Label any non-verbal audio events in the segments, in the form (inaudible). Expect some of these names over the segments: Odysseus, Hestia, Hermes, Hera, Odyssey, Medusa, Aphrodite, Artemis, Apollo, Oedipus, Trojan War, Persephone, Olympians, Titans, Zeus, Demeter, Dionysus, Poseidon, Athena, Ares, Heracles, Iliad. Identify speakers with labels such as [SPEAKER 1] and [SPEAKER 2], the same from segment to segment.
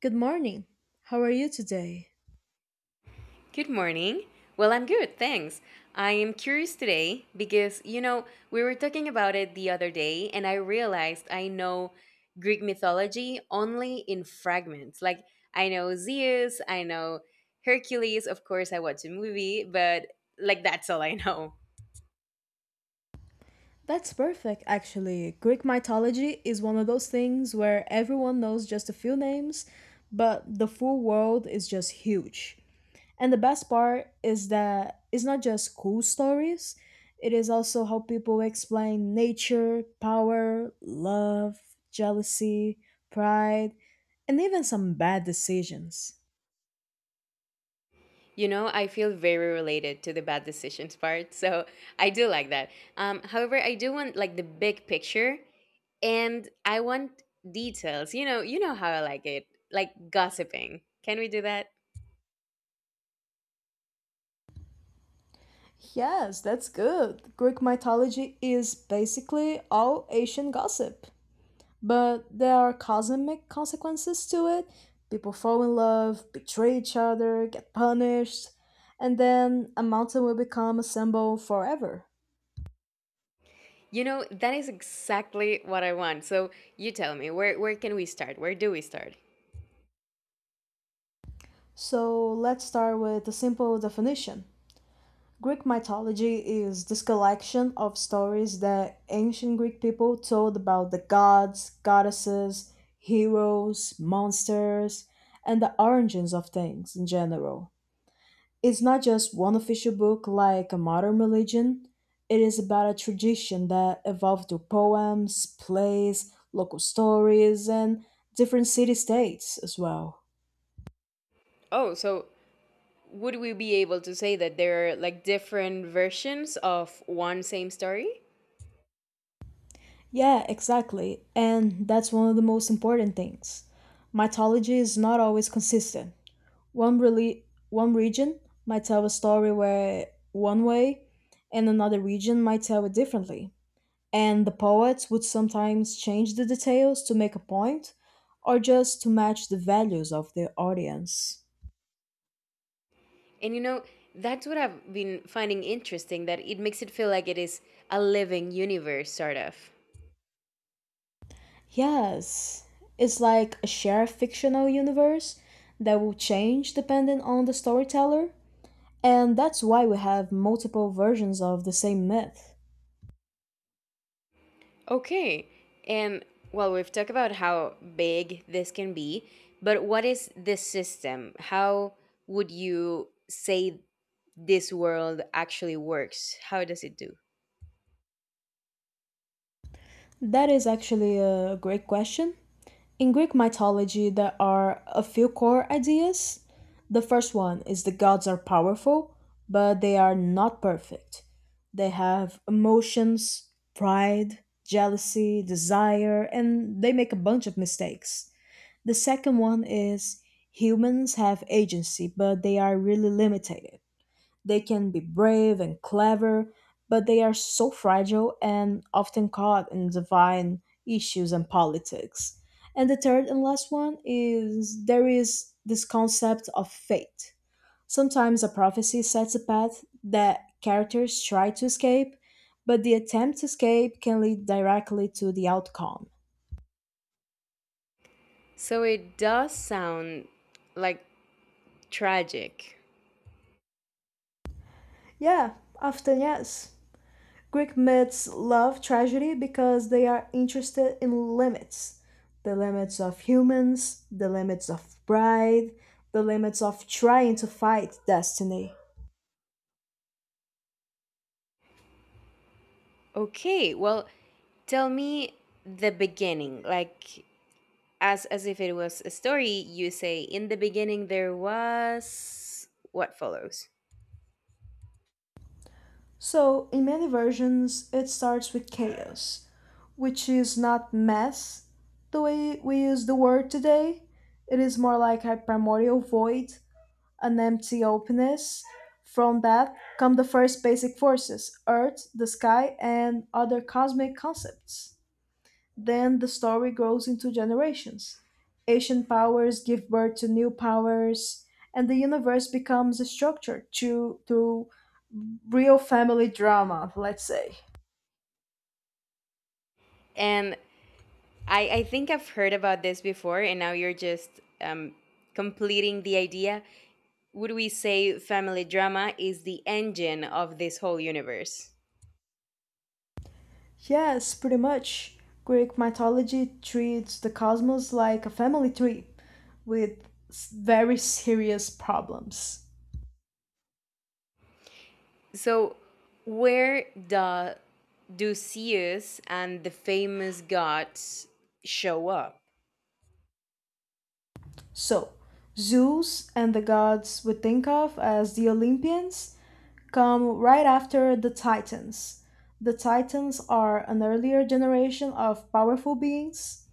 [SPEAKER 1] Good morning. How are you today?
[SPEAKER 2] Good morning. Well, I'm good, thanks. I am curious today because, you know, we were talking about it the other day and I realized I know Greek mythology only in fragments. Like, I know Zeus, I know Hercules, of course, I watch a movie, but like, that's all I know.
[SPEAKER 1] That's perfect, actually. Greek mythology is one of those things where everyone knows just a few names, but the full world is just huge. And the best part is that it's not just cool stories, it is also how people explain nature, power, love, jealousy, pride, and even some bad decisions.
[SPEAKER 2] You know, I feel very related to the bad decisions part, so I do like that. However, I do want like the big picture and I want details. You know how I like it, like gossiping. Can we do that?
[SPEAKER 1] Yes, that's good. Greek mythology is basically all Asian gossip. But there are cosmic consequences to it. People fall in love, betray each other, get punished, and then a mountain will become a symbol forever.
[SPEAKER 2] You know, that is exactly what I want. So you tell me, where can we start? Where do we start?
[SPEAKER 1] So let's start with a simple definition. Greek mythology is this collection of stories that ancient Greek people told about the gods, goddesses, heroes, monsters, and the origins of things in general. It's not just one official book like a modern religion, it is about a tradition that evolved through poems, plays, local stories, and different city states as well.
[SPEAKER 2] Oh, so would we be able to say that there are like different versions of one same story?
[SPEAKER 1] Yeah, exactly. And that's one of the most important things. Mythology is not always consistent. One really One region might tell a story where one way and another region might tell it differently. And the poets would sometimes change the details to make a point or just to match the values of the audience.
[SPEAKER 2] And you know, that's what I've been finding interesting that it makes it feel like it is a living universe sort of.
[SPEAKER 1] Yes, it's like a shared fictional universe that will change depending on the storyteller. And that's why we have multiple versions of the same myth.
[SPEAKER 2] Okay. And well, we've talked about how big this can be, but what is this system? How would you say this world actually works? How does it do?
[SPEAKER 1] That is actually a great question. In Greek mythology, there are a few core ideas. The first one is the gods are powerful, but they are not perfect. They have emotions, pride, jealousy, desire, and they make a bunch of mistakes. The second one is humans have agency, but they are really limited. They can be brave and clever, but they are so fragile and often caught in divine issues and politics. And the third and last one is there is this concept of fate. Sometimes a prophecy sets a path that characters try to escape, but the attempt to escape can lead directly to the outcome.
[SPEAKER 2] So it does sound like tragic.
[SPEAKER 1] Yeah, often yes. Greek myths love tragedy because they are interested in limits, the limits of humans, the limits of pride, the limits of trying to fight destiny.
[SPEAKER 2] Okay. Well, tell me the beginning. Like as if it was a story, you say in the beginning there was what follows.
[SPEAKER 1] So, in many versions, it starts with chaos, which is not mess the way we use the word today. It is more like a primordial void, an empty openness. From that come the first basic forces: Earth, the sky, and other cosmic concepts. Then the story grows into generations. Ancient powers give birth to new powers, and the universe becomes a structure, to, through real family drama, let's say.
[SPEAKER 2] And I think I've heard about this before, and now you're just um, completing the idea. Would we say family drama is the engine of this whole universe?
[SPEAKER 1] Yes, pretty much. Greek mythology treats the cosmos like a family tree with very serious problems.
[SPEAKER 2] So, where do Zeus and the famous gods show up?
[SPEAKER 1] So, Zeus and the gods we think of as the Olympians come right after the Titans. The Titans are an earlier generation of powerful beings.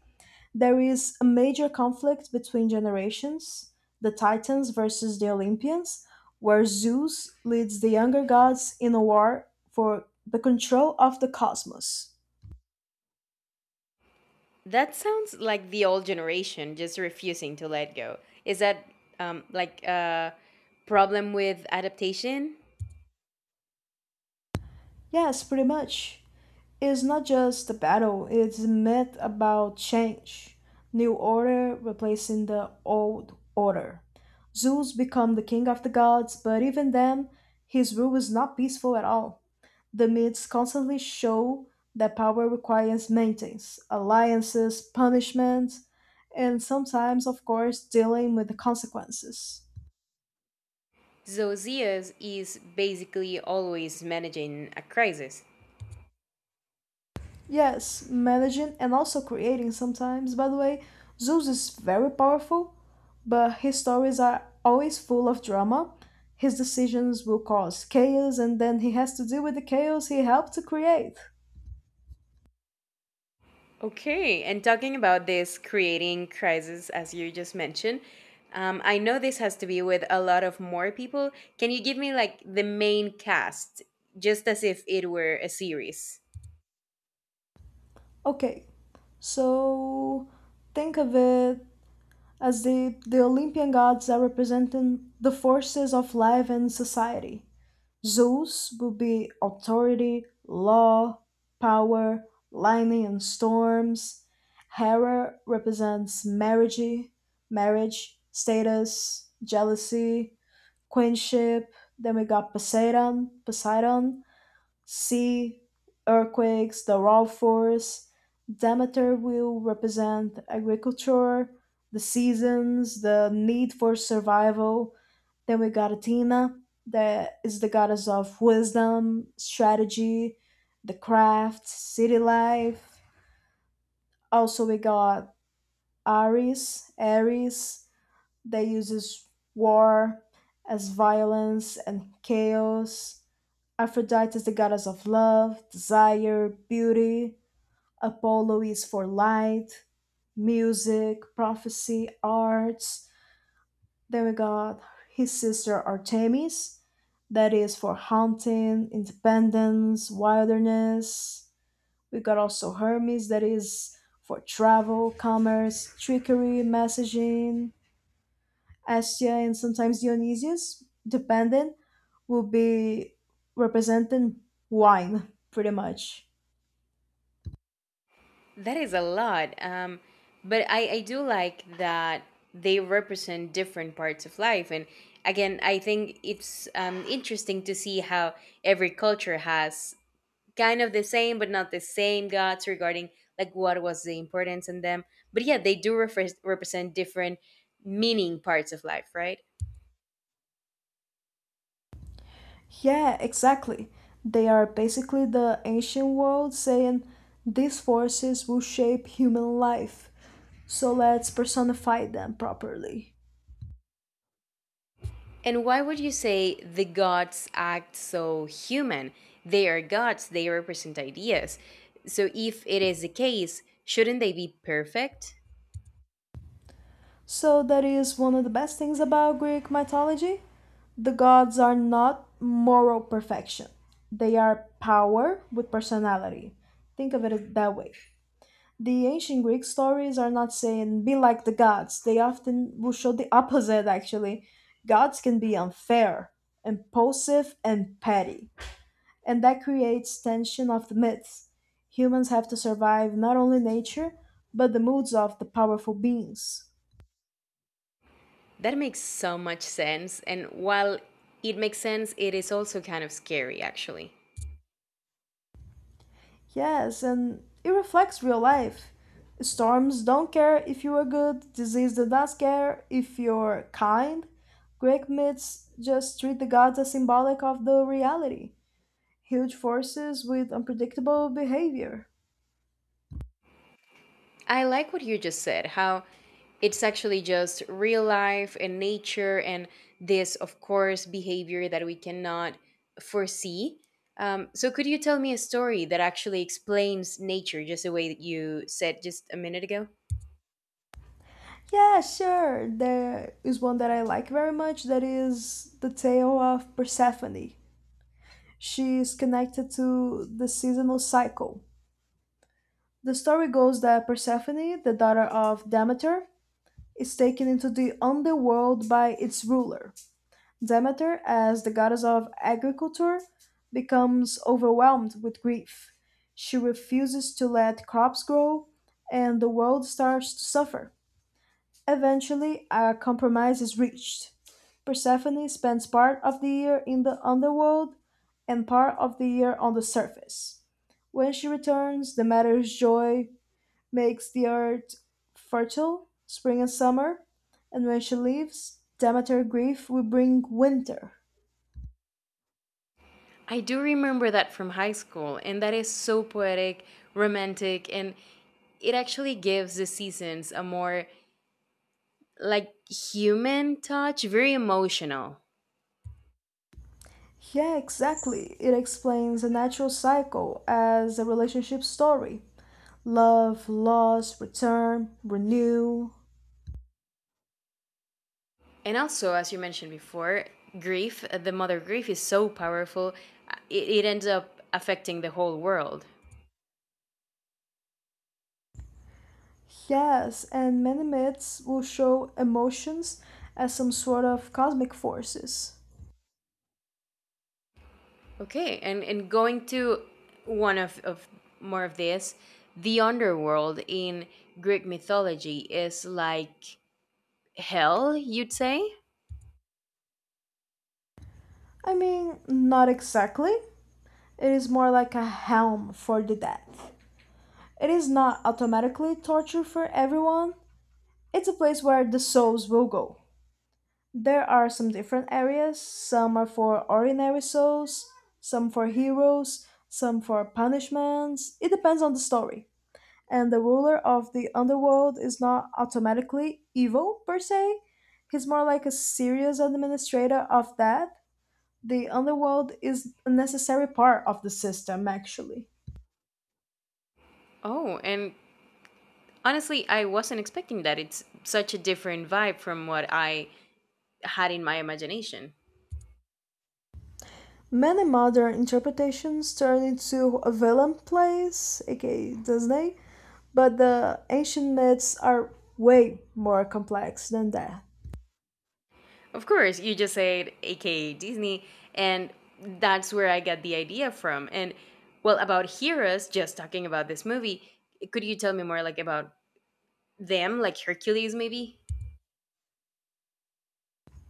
[SPEAKER 1] There is a major conflict between generations, the Titans versus the Olympians, where Zeus leads the younger gods in a war for the control of the cosmos.
[SPEAKER 2] That sounds like the old generation just refusing to let go. Is that like a problem with adaptation?
[SPEAKER 1] Yes, pretty much. It's not just a battle, it's a myth about change. New order replacing the old order. Zeus become the king of the gods, but even then, his rule is not peaceful at all. The myths constantly show that power requires maintenance, alliances, punishment, and sometimes, of course, dealing with the consequences.
[SPEAKER 2] Zosias is basically always managing a crisis.
[SPEAKER 1] Yes, managing and also creating sometimes. By the way, Zeus is very powerful, but his stories are always full of drama. His decisions will cause chaos, and then he has to deal with the chaos he helped to create.
[SPEAKER 2] Okay, and talking about this creating crisis, as you just mentioned, I know this has to be with a lot of more people. Can you give me like the main cast, just as if it were a series?
[SPEAKER 1] Okay, so think of it as the Olympian gods are representing the forces of life and society. Zeus would be authority, law, power, lightning and storms. Hera represents marriage, status, jealousy, queenship. Then we got Poseidon, sea, earthquakes, the raw force. Demeter will represent agriculture, the seasons, the need for survival. Then we got Athena, that is the goddess of wisdom, strategy, the craft, city life. Also, we got Ares, that uses war as violence and chaos. Aphrodite is the goddess of love, desire, beauty. Apollo is for light, music, prophecy, arts. Then we got his sister Artemis, that is for hunting, independence, wilderness. We got also Hermes, that is for travel, commerce, trickery, messaging. Astia and sometimes Dionysius, dependent, will be representing wine, pretty much.
[SPEAKER 2] That is a lot. But I do like that they represent different parts of life. And again, I think it's interesting to see how every culture has kind of the same but not the same gods regarding like what was the importance in them, but yeah they do represent different meaning parts of life, right?
[SPEAKER 1] Yeah, exactly. They are basically the ancient world saying these forces will shape human life, so let's personify them properly.
[SPEAKER 2] And why would you say the gods act so human? They are gods, they represent ideas, so if it is the case shouldn't they be perfect?
[SPEAKER 1] So, that is one of the best things about Greek mythology. The gods are not moral perfection, they are power with personality. Think of it that way. The ancient Greek stories are not saying be like the gods. They often will show the opposite actually. Gods can be unfair, impulsive, and petty. And that creates tension of the myths. Humans have to survive not only nature, but the moods of the powerful beings.
[SPEAKER 2] That makes so much sense, and while it makes sense it is also kind of scary actually.
[SPEAKER 1] Yes, and it reflects real life. Storms don't care if you are good, disease does not care if you're kind. Greek myths just treat the gods as symbolic of the reality. Huge forces with unpredictable behavior.
[SPEAKER 2] I like what you just said, how it's actually just real life and nature and this, of course, behavior that we cannot foresee. So, could you tell me a story that actually explains nature just the way that you said just a minute ago?
[SPEAKER 1] Yeah, sure. There is one that I like very much that is the tale of Persephone. She is connected to the seasonal cycle. The story goes that Persephone, the daughter of Demeter, is taken into the underworld by its ruler. Demeter, as the goddess of agriculture, becomes overwhelmed with grief. She refuses to let crops grow, and the world starts to suffer. Eventually, a compromise is reached: Persephone spends part of the year in the underworld and part of the year on the surface. When she returns, the matter's joy makes the earth fertile, spring and summer, and when she leaves, Demeter grief will bring winter.
[SPEAKER 2] I do remember that from high school, and that is so poetic, romantic, and it actually gives the seasons a more like human touch, very emotional.
[SPEAKER 1] Yeah, exactly. It explains a natural cycle as a relationship story: love, loss, return, renew.
[SPEAKER 2] And also, as you mentioned before, grief, the mother grief is so powerful, it ends up affecting the whole world.
[SPEAKER 1] Yes, and many myths will show emotions as some sort of cosmic forces.
[SPEAKER 2] Okay, and going to one of more of this, the underworld in Greek mythology is like hell, you'd say?
[SPEAKER 1] I mean, not exactly. It is more like a helm for the death. It is not automatically torture for everyone, it's a place where the souls will go. There are some different areas. Some are for ordinary souls, some for heroes, some for punishments. It depends on the story. And the ruler of the underworld is not automatically evil per se. He's more like a serious administrator of that. The underworld is a necessary part of the system, actually.
[SPEAKER 2] Oh, and honestly, I wasn't expecting that. It's such a different vibe from what I had in my imagination.
[SPEAKER 1] Many modern interpretations turn into a villain plays, aka Disney, but the ancient myths are way more complex than that.
[SPEAKER 2] Of course, you just said AKA Disney, and that's where I got the idea from. And well, about heroes, just talking about this movie, could you tell me more like about them, like Hercules maybe?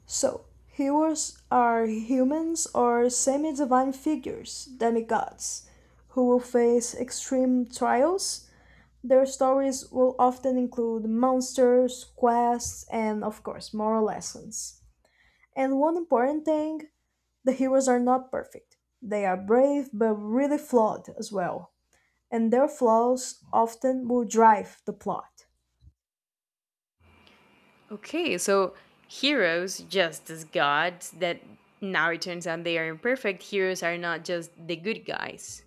[SPEAKER 1] So, heroes are humans or semi divine figures, demigods, who will face extreme trials. Their stories will often include monsters, quests, and, of course, moral lessons. And one important thing, the heroes are not perfect. They are brave but really flawed as well, and their flaws often will drive the plot.
[SPEAKER 2] Okay, so heroes, just as gods, that now it turns out they are imperfect, heroes are not just the good guys.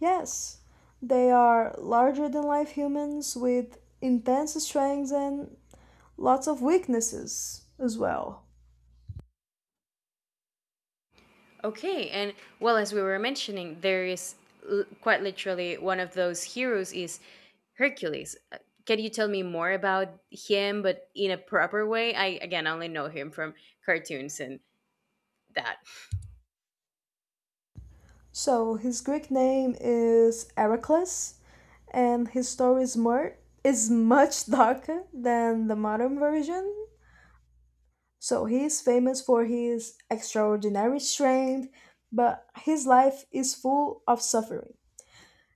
[SPEAKER 1] Yes, they are larger than life humans with intense strengths and lots of weaknesses as well.
[SPEAKER 2] Okay, and well, as we were mentioning, there is quite literally one of those heroes is Hercules. Can you tell me more about him, but in a proper way? I again only know him from cartoons and that.
[SPEAKER 1] So his Greek name is Heracles, and his story is much (laughs) darker than the modern version. So he is famous for his extraordinary strength, but his life is full of suffering.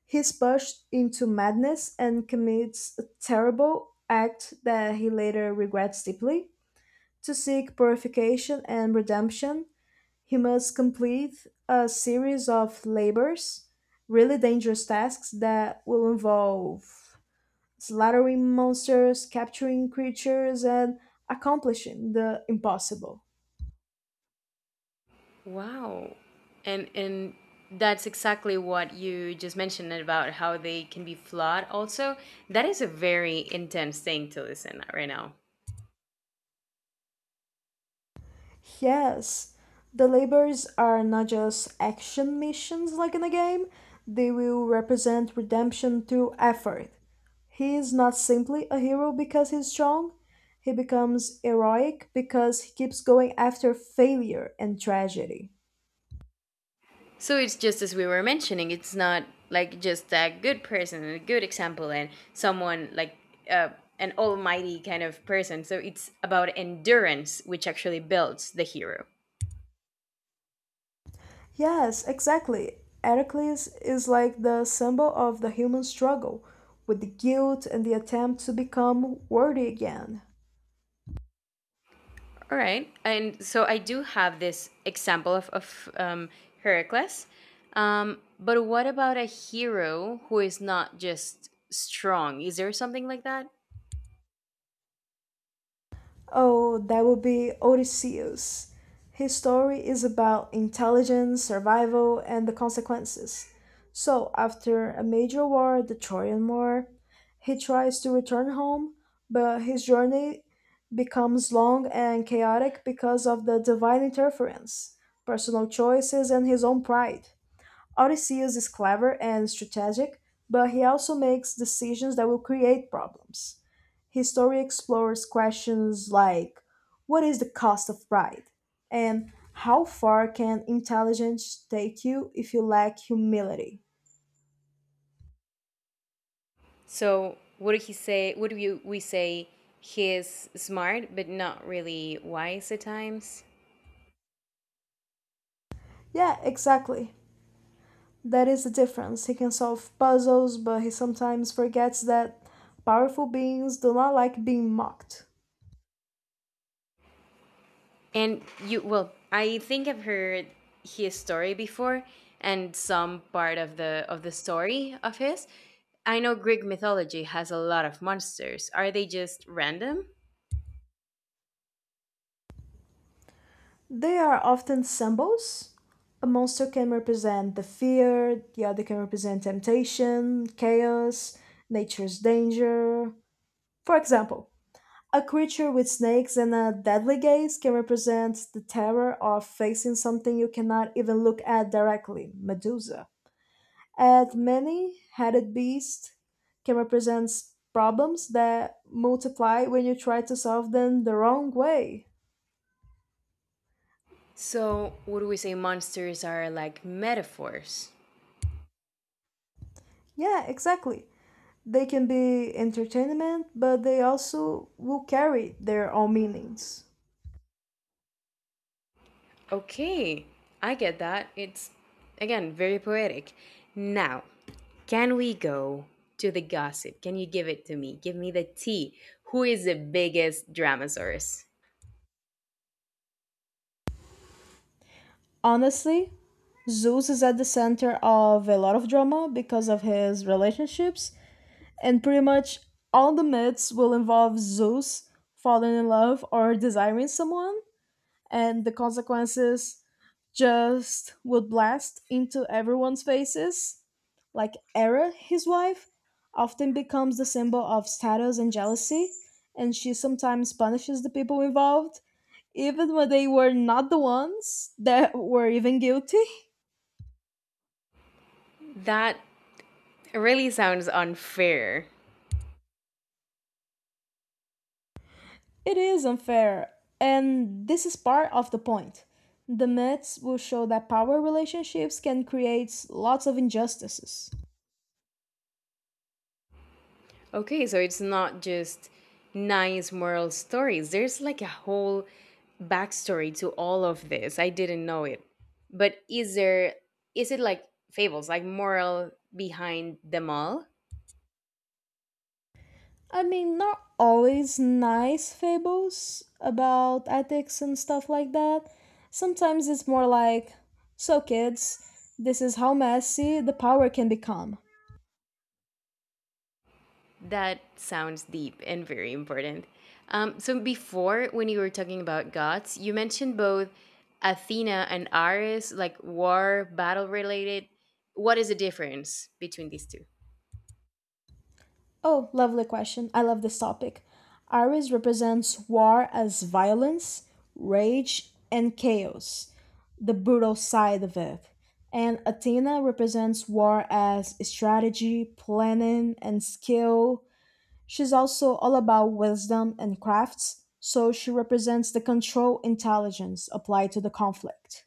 [SPEAKER 1] He is pushed into madness and commits a terrible act that he later regrets deeply. To seek purification and redemption, he must complete a series of labors, really dangerous tasks that will involve slaughtering monsters, capturing creatures, and accomplishing the impossible.
[SPEAKER 2] Wow, and that's exactly what you just mentioned about how they can be flawed. Also, that is a very intense thing to listen right now.
[SPEAKER 1] Yes, the labors are not just action missions like in a game, they will represent redemption through effort. He is not simply a hero because he's strong, he becomes heroic because he keeps going after failure and tragedy.
[SPEAKER 2] So it's just as we were mentioning, it's not like just a good person and a good example and someone like uh, an almighty kind of person. So it's about endurance, which actually builds the hero.
[SPEAKER 1] Yes, exactly. Heracles is like the symbol of the human struggle, with the guilt and the attempt to become worthy again.
[SPEAKER 2] All right. And so I do have this example of Heracles. But what about a hero who is not just strong? Is there something like that?
[SPEAKER 1] Oh, that would be Odysseus. His story is about intelligence, survival, and the consequences. So, after a major war, the Trojan War, he tries to return home, but his journey becomes long and chaotic because of the divine interference, personal choices, and his own pride. Odysseus is clever and strategic, but he also makes decisions that will create problems. His story explores questions like what is the cost of pride? And how far can intelligence take you if you lack humility?
[SPEAKER 2] So would he say? Would you we say he is smart but not really wise at times?
[SPEAKER 1] Yeah, exactly. That is the difference. He can solve puzzles, but he sometimes forgets that powerful beings do not like being mocked.
[SPEAKER 2] And you well, I think I've heard his story before and some part of the story of his. I know Greek mythology has a lot of monsters. Are they just random?
[SPEAKER 1] They are often symbols. A monster can represent the fear, the other can represent temptation, chaos, nature's danger. For example, a creature with snakes and a deadly gaze can represent the terror of facing something you cannot even look at directly, Medusa. And many headed beast can represent problems that multiply when you try to solve them the wrong way.
[SPEAKER 2] So, would we say monsters are like metaphors?
[SPEAKER 1] Yeah, exactly. They can be entertainment, but they also will carry their own meanings.
[SPEAKER 2] Okay, I get that. It's, again, very poetic. Now, can we go to the gossip? Can you give it to me? Give me the tea. Who is the biggest Dramasaurus?
[SPEAKER 1] Honestly, Zeus is at the center of a lot of drama because of his relationships, and pretty much all the myths will involve Zeus falling in love or desiring someone. And the consequences just would blast into everyone's faces. Like Era, his wife, often becomes the symbol of status and jealousy, and she sometimes punishes the people involved, even when they were not the ones that were even guilty.
[SPEAKER 2] That really sounds unfair.
[SPEAKER 1] It is unfair, and this is part of the point. The myths will show that power relationships can create lots of injustices.
[SPEAKER 2] Okay, so it's not just nice moral stories, there's like a whole backstory to all of this. I didn't know it. But is there, is it like fables, like moral behind them all?
[SPEAKER 1] I mean, not always nice fables about ethics and stuff like that. Sometimes it's more like, so kids, this is how messy the power can become.
[SPEAKER 2] That sounds deep and very important. So, before, when you were talking about gods, you mentioned both Athena and Ares, like war, battle related. What is the difference between these two?
[SPEAKER 1] Oh, lovely question. I love this topic. Ares represents war as violence, rage, and chaos, the brutal side of it. And Athena represents war as strategy, planning, and skill. She's also all about wisdom and crafts, so she represents the control intelligence applied to the conflict.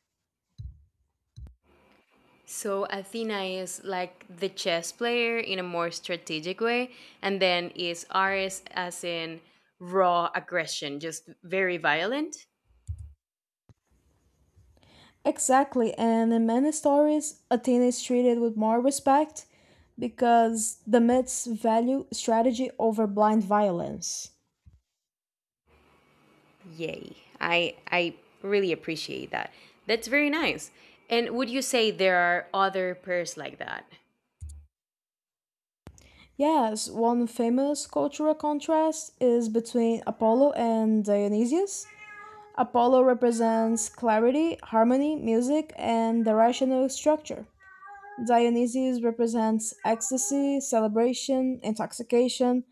[SPEAKER 2] So Athena is like the chess player in a more strategic way, and then is Ares as in raw aggression, just very violent.
[SPEAKER 1] Exactly, and in many stories, Athena is treated with more respect because the myths value strategy over blind violence.
[SPEAKER 2] Yay. I really appreciate that. That's very nice. And would you say there are other pairs like that?
[SPEAKER 1] Yes, one famous cultural contrast is between Apollo and Dionysius. Apollo represents clarity, harmony, music, and the rational structure, Dionysus represents ecstasy, celebration, intoxication,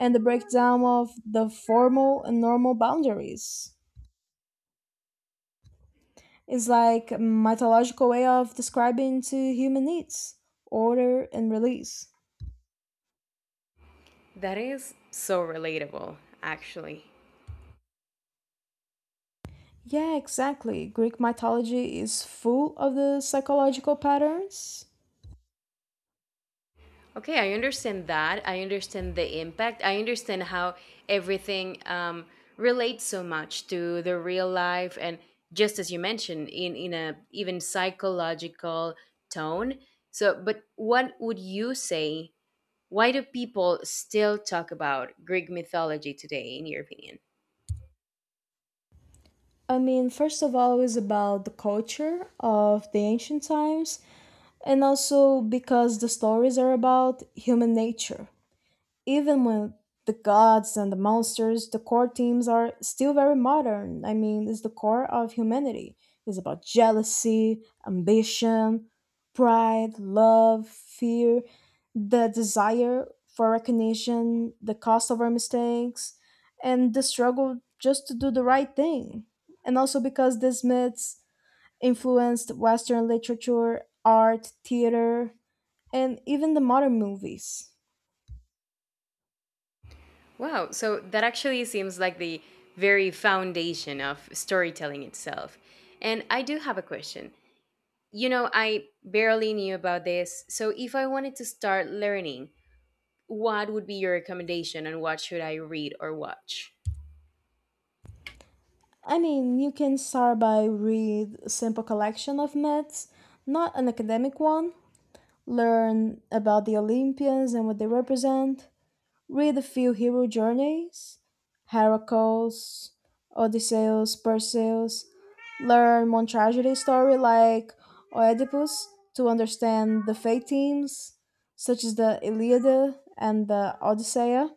[SPEAKER 1] and the breakdown of the formal and normal boundaries. It's like a mythological way of describing to human needs, order and release.
[SPEAKER 2] That is so relatable, actually.
[SPEAKER 1] Yeah, exactly. Greek mythology is full of the psychological patterns.
[SPEAKER 2] Okay, I understand that. I understand the impact. I understand how everything relates so much to the real life, and just as you mentioned, in a even psychological tone. So, but what would you say? Why do people still talk about Greek mythology today, in your opinion?
[SPEAKER 1] I mean, first of all, it's about the culture of the ancient times, and also because the stories are about human nature. Even with the gods and the monsters, the core themes are still very modern. I mean, it's the core of humanity. It's about jealousy, ambition, pride, love, fear, the desire for recognition, the cost of our mistakes, and the struggle just to do the right thing. And also because these myths influenced Western literature, art, theater, and even the modern movies.
[SPEAKER 2] Wow, so that actually seems like the very foundation of storytelling itself. And I do have a question. You know, I barely knew about this. So if I wanted to start learning, what would be your recommendation and what should I read or watch?
[SPEAKER 1] I mean, you can start by read a simple collection of myths, not an academic one. Learn about the Olympians and what they represent. Read a few hero journeys, Heracles, Odysseus, Perseus. Learn one tragedy story like Oedipus to understand the fate themes, such as the Iliad and the Odyssey.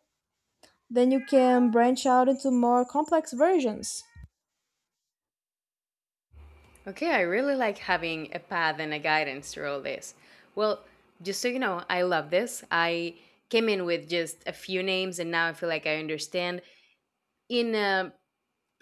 [SPEAKER 1] Then you can branch out into more complex versions.
[SPEAKER 2] Okay, I really like having a path and a guidance through all this. Well, just so you know, I love this. I came in with just a few names and now I feel like I understand in a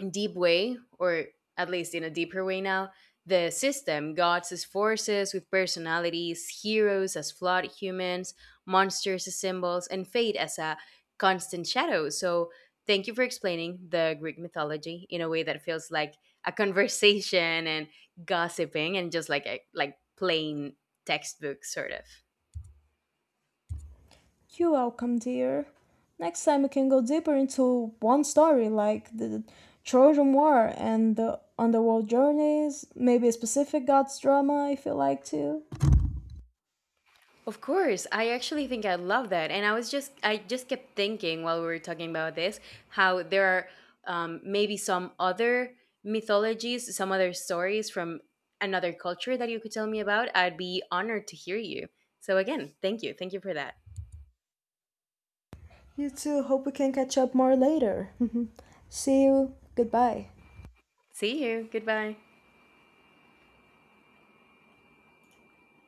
[SPEAKER 2] deep way, or at least in a deeper way now, the system, gods as forces with personalities, heroes as flawed humans, monsters as symbols, and fate as a constant shadow. So, thank you for explaining the Greek mythology in a way that feels like a conversation and gossiping and just like a like plain textbook sort of.
[SPEAKER 1] You're welcome, dear. Next time we can go deeper into one story, like the Trojan War and the underworld journeys, maybe a specific god's drama if you like to.
[SPEAKER 2] Of course, I actually think I love that, and I was just I just kept thinking while we were talking about this how there are maybe some other mythologies, some other stories from another culture that you could tell me about. I'd be honored to hear you. So again, thank you for that.
[SPEAKER 1] You too, hope we can catch up more later. (laughs) See you, goodbye.
[SPEAKER 2] See you. Goodbye.